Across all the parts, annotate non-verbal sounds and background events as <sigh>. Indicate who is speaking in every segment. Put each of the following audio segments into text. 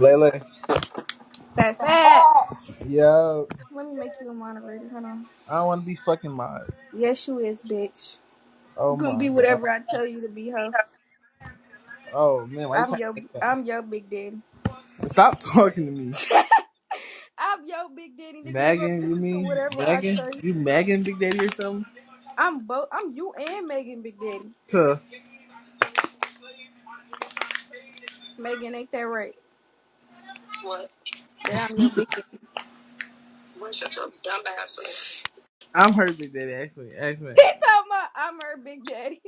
Speaker 1: Lele.
Speaker 2: Fat fat.
Speaker 1: Yeah,
Speaker 2: Let me make you a moderator. Hold on.
Speaker 1: I don't want to be fucking mod.
Speaker 2: Yes, you is, bitch. You
Speaker 1: Oh
Speaker 2: gonna
Speaker 1: my
Speaker 2: be
Speaker 1: god.
Speaker 2: whatever I tell you to be, ho.
Speaker 1: Oh man, why you
Speaker 2: I'm
Speaker 1: talking
Speaker 2: your,
Speaker 1: like
Speaker 2: I'm
Speaker 1: that?
Speaker 2: your big daddy.
Speaker 1: Stop <laughs> talking to me,
Speaker 2: <laughs> I'm your big daddy, nigga. You gonna
Speaker 1: Megan. You
Speaker 2: listen to
Speaker 1: mean
Speaker 2: whatever I
Speaker 1: Megan?
Speaker 2: tell you?
Speaker 1: You Megan Big Daddy or something?
Speaker 2: I'm both. I'm you and Megan, big daddy.
Speaker 1: To
Speaker 2: Megan, ain't that right? What? That I'm your big daddy. What? Shut your dumb ass up. <laughs>
Speaker 1: I'm her Big Daddy actually. Actually,
Speaker 2: He talking about I'm her big daddy.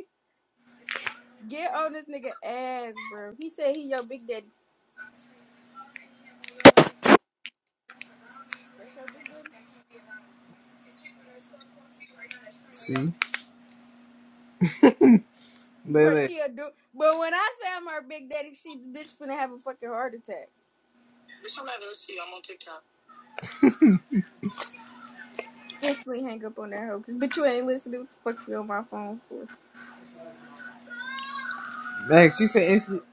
Speaker 2: <laughs> Get on this nigga ass, bro. He said he your big daddy. That's your big daddy.
Speaker 1: see
Speaker 2: Bruh,
Speaker 1: Lele.
Speaker 2: she'll do. But when I say I'm her big daddy, she bitch finna have a fucking heart attack. Bitch, I'm not gonna see you. I'm on TikTok. Instantly hang up on that hoe, cause bitch, you ain't listening. What the fuck you on my phone for?
Speaker 1: Man, she said instantly.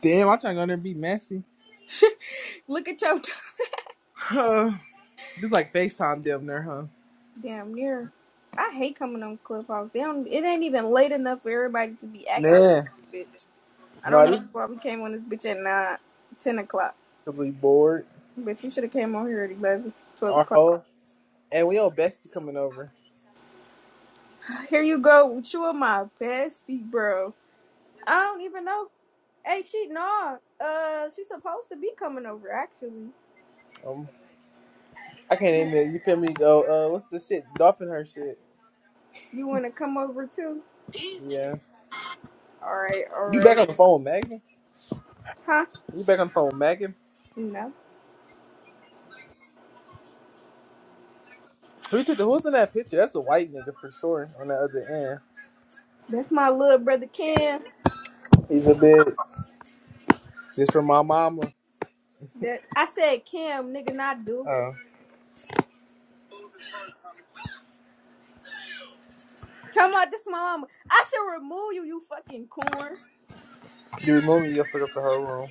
Speaker 1: Damn, I'm trying to go there and be messy. <sighs>
Speaker 2: Look at your t-
Speaker 1: Huh. Just like FaceTime damn there, huh?
Speaker 2: <laughs> damn near. I hate coming on Clubhouse. They don't. It ain't even late enough for everybody to be active,
Speaker 1: Nah.
Speaker 2: bitch. I don't even know
Speaker 1: No,
Speaker 2: why we came on this bitch at nine, ten o'clock.
Speaker 1: because we bored.
Speaker 2: Bitch, we should have came on here at eleven, twelve
Speaker 1: Our
Speaker 2: o'clock.
Speaker 1: whole. And we all bestie coming over.
Speaker 2: Here you go, you are my bestie, bro. I don't even know Hey, she no. Uh, she's supposed to be coming over. Actually,
Speaker 1: Um. I can't
Speaker 2: you
Speaker 1: name it. You feel me? Go. Uh, what's the shit? Dolphin her shit.
Speaker 2: you want to come over too?
Speaker 1: Yeah.
Speaker 2: All right, all
Speaker 1: You back
Speaker 2: right.
Speaker 1: on the phone with Megan?
Speaker 2: Huh?
Speaker 1: You back on the phone with Megan?
Speaker 2: No,
Speaker 1: Who took the, who's in that picture? That's a white nigga for sure. On the other end,
Speaker 2: that's my little brother Cam.
Speaker 1: he's a bitch. This from my mama.
Speaker 2: That I said Cam, nigga, not do.
Speaker 1: Oh,
Speaker 2: Tell about this my mama. I should remove you, you fucking corn.
Speaker 1: you remove me, you'll fuck up the whole room.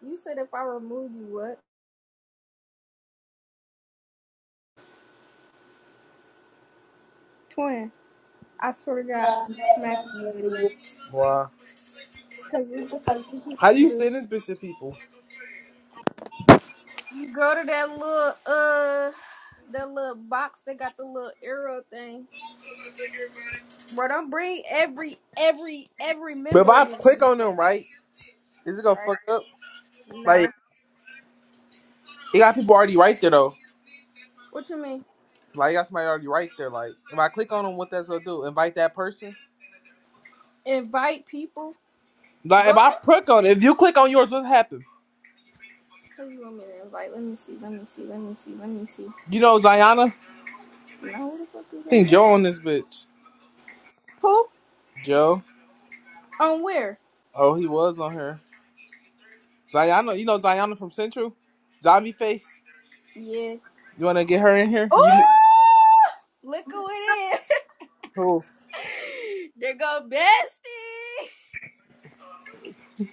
Speaker 2: You said if I remove you, what? Twin. I swear to God, I'm smacking you in here.
Speaker 1: Wow.
Speaker 2: Cause what the fuck did you
Speaker 1: How do you
Speaker 2: do?
Speaker 1: send this bitch to people?
Speaker 2: You go to that little uh, that little box that got the little arrow thing. Bro, don't bring every every every
Speaker 1: But if
Speaker 2: member
Speaker 1: I
Speaker 2: in this
Speaker 1: click
Speaker 2: bitch,
Speaker 1: on them, right, is it gonna
Speaker 2: right?
Speaker 1: fuck up? Like,
Speaker 2: No.
Speaker 1: it got people already right there though.
Speaker 2: What you mean?
Speaker 1: Like, it got somebody already right there. Like, if I click on them, what that's gonna do? Invite that person?
Speaker 2: Invite people?
Speaker 1: Like,
Speaker 2: Go
Speaker 1: if
Speaker 2: to
Speaker 1: I click on it, if you click on yours, what happens?
Speaker 2: who you want me to invite? Let me see, let me see, let me see, let me see.
Speaker 1: You know Zayana? I
Speaker 2: No, who the fuck is on
Speaker 1: think
Speaker 2: here?
Speaker 1: Joe on this bitch.
Speaker 2: Who?
Speaker 1: Joe?
Speaker 2: On where?
Speaker 1: Oh, he was on her. Zayana, you know Zayana from Central? Zombie Face?
Speaker 2: Yeah.
Speaker 1: You wanna get her in here? You
Speaker 2: Ooh! Look who it is.
Speaker 1: cool.
Speaker 2: <laughs> there go bestie.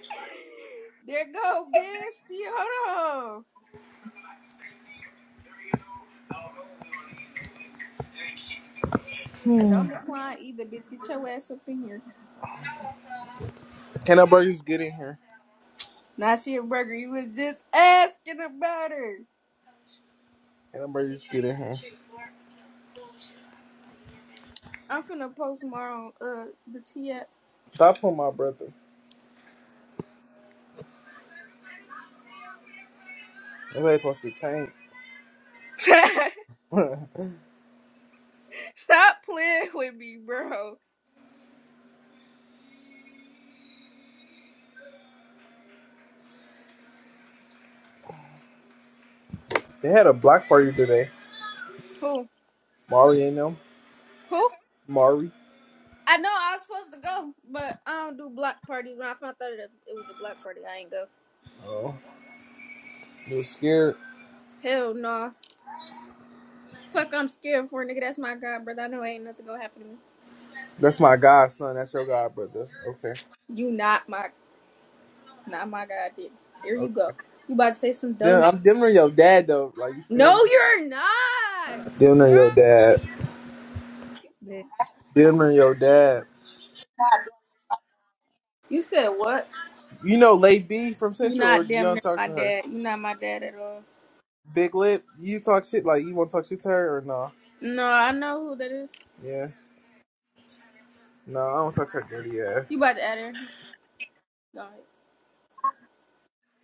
Speaker 2: <laughs> there go bestie. Hold on. Don't decline either, bitch. Get your ass up in here.
Speaker 1: Hannah Burgers get in here.
Speaker 2: Now she a burger. You was just asking about her.
Speaker 1: Hannah Burgers get in here.
Speaker 2: I'm finna post more on uh the T app.
Speaker 1: Stop on my brother. They ain't supposed to tank.
Speaker 2: <laughs> Stop playing with me, bro.
Speaker 1: They had a block party today.
Speaker 2: Who?
Speaker 1: Mari and them.
Speaker 2: Who?
Speaker 1: Mari.
Speaker 2: I know I was supposed to go, but I don't do block parties. When I found out that it was a block party, I ain't go.
Speaker 1: Oh. You was scared.
Speaker 2: Hell no. Nah. Fuck, I'm scared for a nigga. That's my god, brother. I know ain't nothing gonna happen to me.
Speaker 1: That's my godson. That's your god brother. Okay.
Speaker 2: You not my, not my god, then. Here
Speaker 1: Okay.
Speaker 2: you go. You about to say some dumb
Speaker 1: Then
Speaker 2: shit.
Speaker 1: I'm dimmer your dad though. Like you
Speaker 2: No,
Speaker 1: feel me?
Speaker 2: you're not,
Speaker 1: Dimmer
Speaker 2: bro.
Speaker 1: your dad.
Speaker 2: Bitch.
Speaker 1: Dimmer your dad.
Speaker 2: You said what?
Speaker 1: You know Lay B from
Speaker 2: you
Speaker 1: Central, or
Speaker 2: not
Speaker 1: you
Speaker 2: damn
Speaker 1: don't
Speaker 2: near
Speaker 1: talk
Speaker 2: my
Speaker 1: to her?
Speaker 2: dad. you not my dad at all.
Speaker 1: Big Lip, you talk shit like you want to talk shit to her or no?
Speaker 2: No, I know who that is.
Speaker 1: Yeah, no, I don't talk to her dirty
Speaker 2: You
Speaker 1: ass.
Speaker 2: about to add her? No, nah,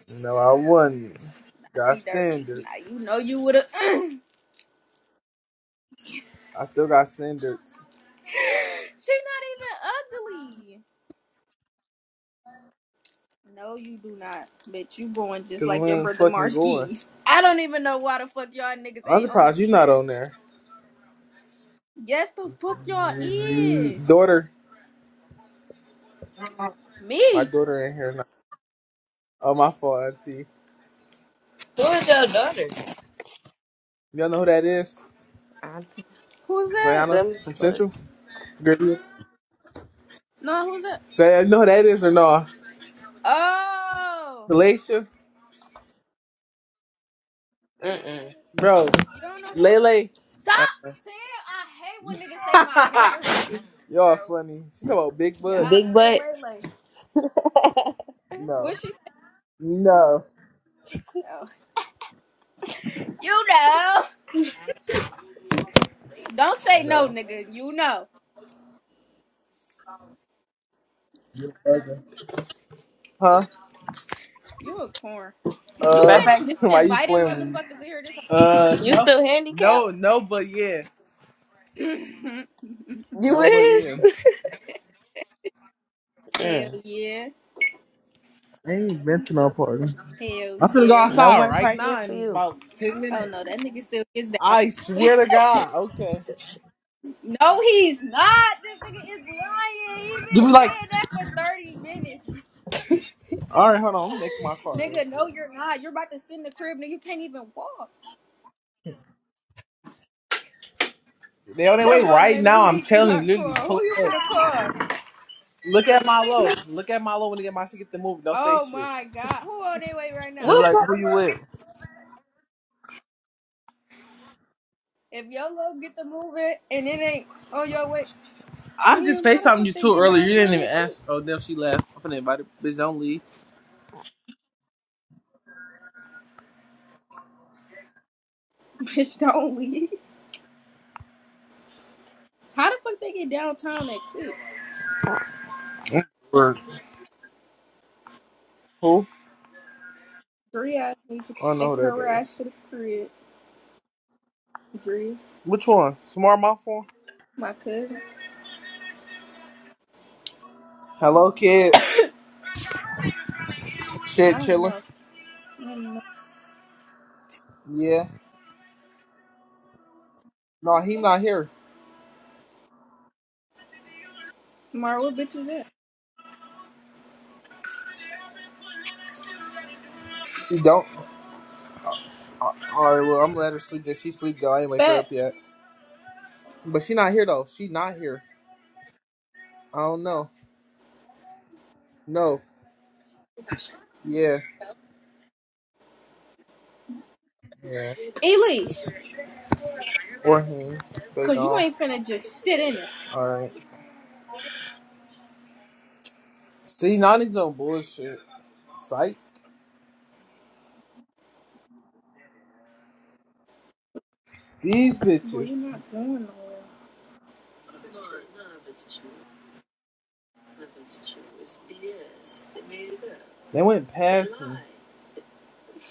Speaker 1: No, I wouldn't. Got
Speaker 2: she dirty.
Speaker 1: standards.
Speaker 2: Nah, you know you would have. <clears throat> she not
Speaker 1: I still got standards.
Speaker 2: even ugly. No, you do not, bitch. You going just
Speaker 1: Cause
Speaker 2: like
Speaker 1: we
Speaker 2: your
Speaker 1: ain't
Speaker 2: brother
Speaker 1: fucking going.
Speaker 2: Marskis. I don't even know why the fuck y'all niggas
Speaker 1: I'm
Speaker 2: ain't on the
Speaker 1: surprised
Speaker 2: T
Speaker 1: you are not
Speaker 2: yet.
Speaker 1: on there.
Speaker 2: Yes, the fuck y'all
Speaker 1: Mm,
Speaker 2: is.
Speaker 1: Daughter, my
Speaker 2: Me?
Speaker 1: daughter in here now. Oh, my fault, auntie.
Speaker 3: Who's your daughter?
Speaker 1: Y'all know who that is?
Speaker 3: I took
Speaker 2: Who's that?
Speaker 1: Diana
Speaker 3: them as
Speaker 1: from
Speaker 3: fuck.
Speaker 1: Central. Girl, you
Speaker 2: No, who's that?
Speaker 1: y'all know who that is or no?
Speaker 2: Oh,
Speaker 1: Galatia,
Speaker 2: I don't know who that
Speaker 3: Mm-mm.
Speaker 2: is.
Speaker 1: bro.
Speaker 2: You don't know who? I am.
Speaker 1: Lele.
Speaker 3: Uh,
Speaker 2: Stop saying I hate when niggas say my
Speaker 1: <laughs>
Speaker 2: government, <laughs>
Speaker 1: Y'all
Speaker 2: bro.
Speaker 1: funny. She talk about big butt.
Speaker 2: Y'all
Speaker 3: Big
Speaker 2: say
Speaker 3: butt.
Speaker 2: Lele.
Speaker 1: No,
Speaker 2: What she say?
Speaker 1: no,
Speaker 2: Oh. You know. Don't say no,
Speaker 1: no.
Speaker 2: nigga. You know.
Speaker 1: Huh?
Speaker 2: You a corn. You
Speaker 1: Uh,
Speaker 3: Fat
Speaker 2: been
Speaker 3: fat,
Speaker 2: in
Speaker 3: you,
Speaker 2: just
Speaker 1: <laughs> why you
Speaker 2: inviting
Speaker 1: playing with me?
Speaker 2: motherfuckers in here this whole
Speaker 1: Uh,
Speaker 3: you
Speaker 1: no,
Speaker 3: still handicapped?
Speaker 1: no, no, but yeah,
Speaker 2: time?
Speaker 3: You
Speaker 1: no, but yeah.
Speaker 3: is? <laughs>
Speaker 2: <laughs> Hell
Speaker 3: Mm.
Speaker 2: yeah.
Speaker 1: I ain't been to no party.
Speaker 2: Hell
Speaker 1: I'm finna go
Speaker 2: yeah.
Speaker 3: No
Speaker 1: outside
Speaker 3: more
Speaker 1: right
Speaker 3: partying
Speaker 1: now
Speaker 3: for
Speaker 1: in
Speaker 3: you.
Speaker 1: about ten
Speaker 2: Oh
Speaker 1: minutes.
Speaker 2: no, that nigga still gets down.
Speaker 1: I swear to God. Okay.
Speaker 2: No, he's not. This nigga is lying. He
Speaker 1: Give
Speaker 2: been
Speaker 1: me like.
Speaker 2: saying that for 30 minutes.
Speaker 1: All right, hold on. Let me make my
Speaker 2: <laughs>
Speaker 1: car real
Speaker 2: nigga,
Speaker 1: quick.
Speaker 2: no, you're not. You're about to sit in the crib, nigga. You can't even walk.
Speaker 1: They on their way
Speaker 2: Come on,
Speaker 1: right
Speaker 2: let me
Speaker 1: now. I'm
Speaker 2: make
Speaker 1: telling you,
Speaker 2: my
Speaker 1: literally
Speaker 2: call. Who
Speaker 1: pulling
Speaker 2: you
Speaker 1: up.
Speaker 2: finna call?
Speaker 1: Look at Milo. Look at Milo when they get my shit. Get the move. Don't say
Speaker 2: Oh
Speaker 1: shit.
Speaker 2: my god. Who on their way right
Speaker 1: They
Speaker 2: now?
Speaker 1: be like,
Speaker 3: What?
Speaker 1: "Who you with?"
Speaker 2: If YOLO get to moving and it ain't on your way,
Speaker 1: I'm just
Speaker 2: damn, how the
Speaker 1: FaceTiming
Speaker 2: fuck
Speaker 1: you
Speaker 2: they
Speaker 1: too
Speaker 2: get
Speaker 1: earlier. You didn't
Speaker 2: downtown
Speaker 1: even
Speaker 2: that quick?
Speaker 1: ask. Oh, damn, she left. I'm finna invite her. Bitch, don't leave.
Speaker 2: <laughs> Bitch, don't we? How the fuck they get downtown that quick?
Speaker 1: Word. Who?
Speaker 2: Dre asked me to
Speaker 1: I don't know
Speaker 2: take
Speaker 1: who that
Speaker 2: her ass
Speaker 1: is.
Speaker 2: to the crib. Dre,
Speaker 1: Which one? Smart mouth one?
Speaker 2: my cousin.
Speaker 1: Hello, kid.
Speaker 2: I
Speaker 1: Shit,
Speaker 2: don't
Speaker 1: chilling.
Speaker 2: know. I don't know.
Speaker 1: Yeah. No, he not here.
Speaker 2: Mar, what bitch is that?
Speaker 1: He don't. All right, well, I'm gonna let her sleep. Did she sleep though? I ain't wake her up
Speaker 2: But
Speaker 1: yet. But she not here though. She not here. I don't know. No. Yeah. Yeah.
Speaker 2: Elise.
Speaker 1: Or him. They
Speaker 2: Cause you
Speaker 1: gone.
Speaker 2: ain't finna just sit in it.
Speaker 1: All right. See, now these on bullshit. Psych. These
Speaker 2: Boy, you're
Speaker 1: bitches.
Speaker 2: not going
Speaker 1: They went past me.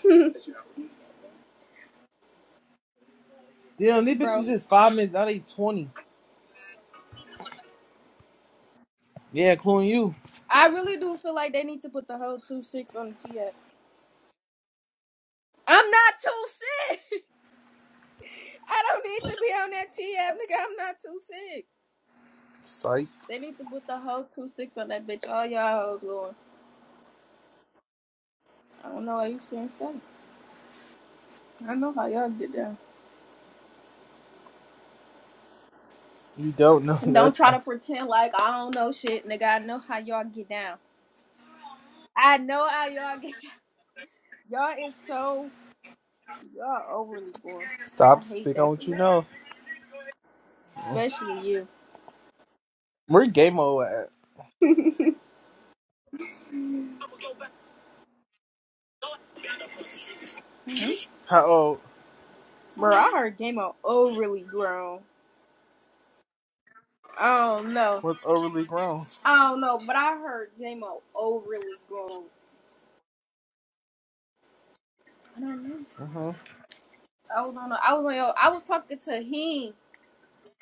Speaker 2: nowhere.
Speaker 1: Damn,
Speaker 2: <laughs>
Speaker 1: these bitches
Speaker 2: Bro,
Speaker 1: just five minutes. Now they twenty. Yeah, including you.
Speaker 2: I really do feel like they need to put the whole two six on the T am not two six. <laughs> I don't need to be on that TF, nigga. I'm not too six.
Speaker 1: Psych.
Speaker 2: They need to put the whole two six on that bitch. All y'all hoes going. I don't know why you saying so. I know how y'all get down.
Speaker 1: You don't know <laughs>
Speaker 2: And don't try
Speaker 1: nothing.
Speaker 2: to pretend like I don't know shit, nigga. I know how y'all get down. I know how y'all get down. <laughs> Y'all is so y'all overly grown. I
Speaker 1: Stop
Speaker 2: hate
Speaker 1: speaking on
Speaker 2: that for
Speaker 1: what you
Speaker 2: y'all.
Speaker 1: know.
Speaker 2: Especially you.
Speaker 1: Where game old at? How old?
Speaker 2: Bro, I heard J-Mo overly grown. I don't know.
Speaker 1: What's overly grown?
Speaker 2: I don't know, but I heard J-Mo overly grown. I don't know.
Speaker 1: Uh-huh.
Speaker 2: I was on. A, I was on. Yo, I was talking to him,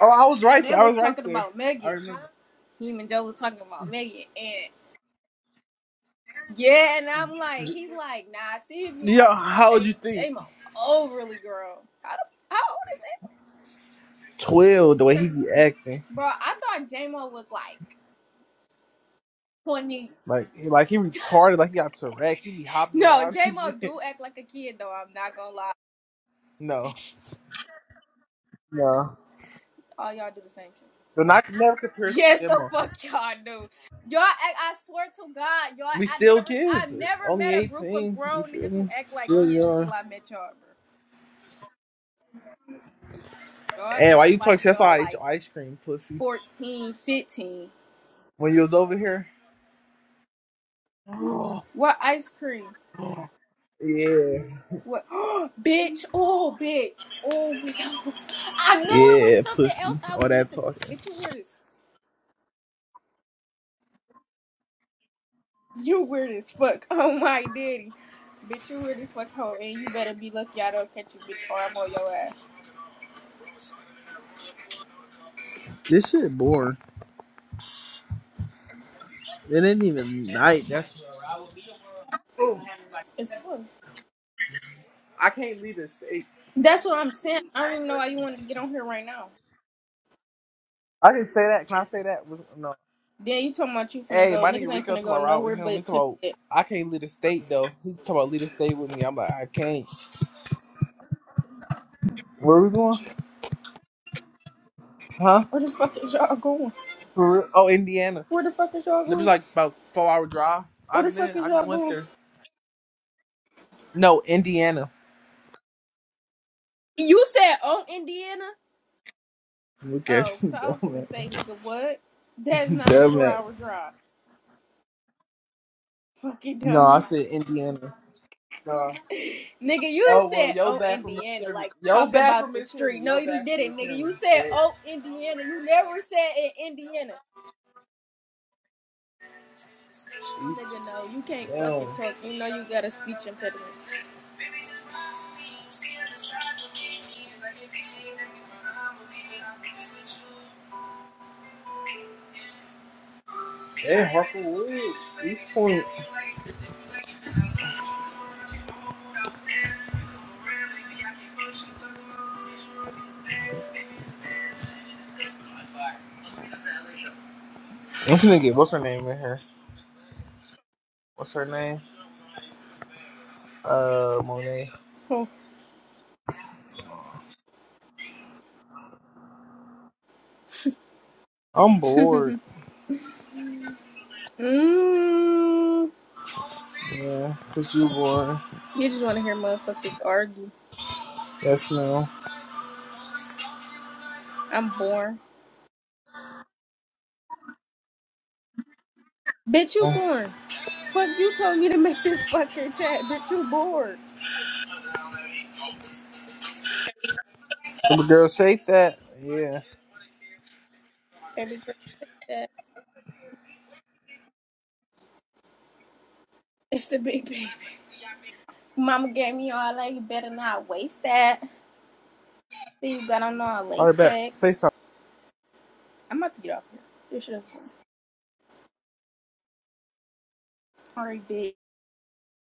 Speaker 1: Oh, I was
Speaker 2: and
Speaker 1: right
Speaker 2: they
Speaker 1: there. I
Speaker 2: was
Speaker 1: was right
Speaker 2: talking
Speaker 1: there.
Speaker 2: about
Speaker 1: I
Speaker 2: Megan.
Speaker 1: remember.
Speaker 2: Him and Joe was talking about Megan, and yeah, and I'm like, he like, nah. I See if he was
Speaker 1: Yeah,
Speaker 2: talking about
Speaker 1: how
Speaker 2: J
Speaker 1: old you
Speaker 2: Mo.
Speaker 1: think?
Speaker 2: J Mo, overly girl. How the, how old is he,
Speaker 1: Twelve. The way he be acting,
Speaker 2: bro? I thought J Mo was like twenty.
Speaker 1: like like he retarded, like he got Tourette's. He be hopping
Speaker 2: No,
Speaker 1: around <laughs>
Speaker 2: J
Speaker 1: and
Speaker 2: Mo
Speaker 1: shit.
Speaker 2: do act like a kid though. I'm not gonna lie.
Speaker 1: No, no.
Speaker 2: All y'all do the same shit.
Speaker 1: But not never compares
Speaker 2: Yes,
Speaker 1: to
Speaker 2: the
Speaker 1: demo.
Speaker 2: fuck y'all do. Y'all act. I swear to God, y'all.
Speaker 1: We
Speaker 2: I
Speaker 1: still
Speaker 2: never. I
Speaker 1: kids.
Speaker 2: never
Speaker 1: Only
Speaker 2: met a group of
Speaker 1: eighteen. You
Speaker 2: grown
Speaker 1: feel
Speaker 2: niggas who
Speaker 1: me?
Speaker 2: act like
Speaker 1: Still
Speaker 2: kids
Speaker 1: young.
Speaker 2: until I met y'all, bro. Y'all
Speaker 1: And why
Speaker 2: act
Speaker 1: you talk
Speaker 2: like
Speaker 1: shit? That's
Speaker 2: y'all
Speaker 1: why I ate
Speaker 2: like
Speaker 1: your ice cream, pussy.
Speaker 2: 14, 15.
Speaker 1: When you was over here?
Speaker 2: What ice cream?
Speaker 1: Yeah.
Speaker 2: What? <gasps> Oh, bitch. Oh, bitch. Oh, bitch. <laughs> I knew it was
Speaker 1: Yeah,
Speaker 2: something else
Speaker 1: pussy.
Speaker 2: I
Speaker 1: All
Speaker 2: was
Speaker 1: that
Speaker 2: missing.
Speaker 1: talking.
Speaker 2: Bitch, you weird as you weird as fuck. <laughs> Oh my daddy. Bitch, you weird as fuck hoe, and you better be lucky I don't catch you, bitch, or I'm on your ass.
Speaker 1: This shit boring. It ain't even night. That's
Speaker 2: It's fun.
Speaker 1: I can't leave this state.
Speaker 2: That's what I'm saying. I don't even know why you wanted to get on here right now.
Speaker 1: I can say that. Can I say that? Was- No.
Speaker 2: Then you talking about you finna
Speaker 1: Hey,
Speaker 2: go.
Speaker 1: my
Speaker 2: Niggas
Speaker 1: nigga
Speaker 2: ain't
Speaker 1: Rico
Speaker 2: finna
Speaker 1: talking
Speaker 2: go
Speaker 1: about ride
Speaker 2: nowhere
Speaker 1: with him. He
Speaker 2: but
Speaker 1: talking
Speaker 2: to
Speaker 1: about
Speaker 2: bed.
Speaker 1: I can't leave the state though. He talking about leave the state with me. I'm like, I can't. Where we going? Huh?
Speaker 2: Where the fuck is y'all going?
Speaker 1: For real? Oh, Indiana.
Speaker 2: Where the fuck is y'all
Speaker 1: It was
Speaker 2: going?
Speaker 1: like about four hour drive.
Speaker 2: Where the
Speaker 1: I've
Speaker 2: fuck
Speaker 1: been
Speaker 2: is
Speaker 1: I just
Speaker 2: y'all
Speaker 1: went
Speaker 2: going?
Speaker 1: there. No, Indiana.
Speaker 2: You said oh Indiana?
Speaker 1: Look
Speaker 2: Oh,
Speaker 1: at you,
Speaker 2: so
Speaker 1: <laughs>
Speaker 2: I
Speaker 1: dumb
Speaker 2: was gonna say,
Speaker 1: man.
Speaker 2: nigga, what? That's not a
Speaker 1: Dumb
Speaker 2: four
Speaker 1: man. <laughs>
Speaker 2: hour drive. Fucking
Speaker 1: No, I
Speaker 2: dumb.
Speaker 1: said Indiana. No.
Speaker 2: <laughs> nigga, you
Speaker 1: Oh well,
Speaker 2: said
Speaker 1: yo
Speaker 2: oh
Speaker 1: bad for
Speaker 2: Indiana,
Speaker 1: mishearing me.
Speaker 2: like
Speaker 1: Yo
Speaker 2: talking
Speaker 1: bad for
Speaker 2: about the
Speaker 1: mishearing
Speaker 2: street.
Speaker 1: me.
Speaker 2: No,
Speaker 1: Yo
Speaker 2: you
Speaker 1: bad for
Speaker 2: didn't, nigga.
Speaker 1: mishearing me.
Speaker 2: You
Speaker 1: So
Speaker 2: said oh Indiana. You never said in Indiana.
Speaker 1: East,
Speaker 2: Nigga, no, you can't
Speaker 1: damn,
Speaker 2: fucking talk. You know you got a speech impediment.
Speaker 1: damn, Harper Woods, East Point. I'm finna get what's her name in here. What's her name? Uh, Monet.
Speaker 2: Oh.
Speaker 1: I'm
Speaker 2: <laughs>
Speaker 1: bored.
Speaker 2: mm, you
Speaker 1: Yeah, cause you bored.
Speaker 2: just wanna hear motherfuckers argue.
Speaker 1: Yes, ma'am.
Speaker 2: I'm bored. Bitch, you
Speaker 1: Oh,
Speaker 2: bored. Fuck, you told me to make this fucking chat. Bitch, you bored.
Speaker 1: Little girl, shake that. Yeah.
Speaker 2: Baby. Yeah, It's the big baby. Mama gave me all that. You better not waste that. See, you got on all
Speaker 1: All right, back.
Speaker 2: latex.
Speaker 1: FaceTime.
Speaker 2: I'm about to get off here. This shit is already big.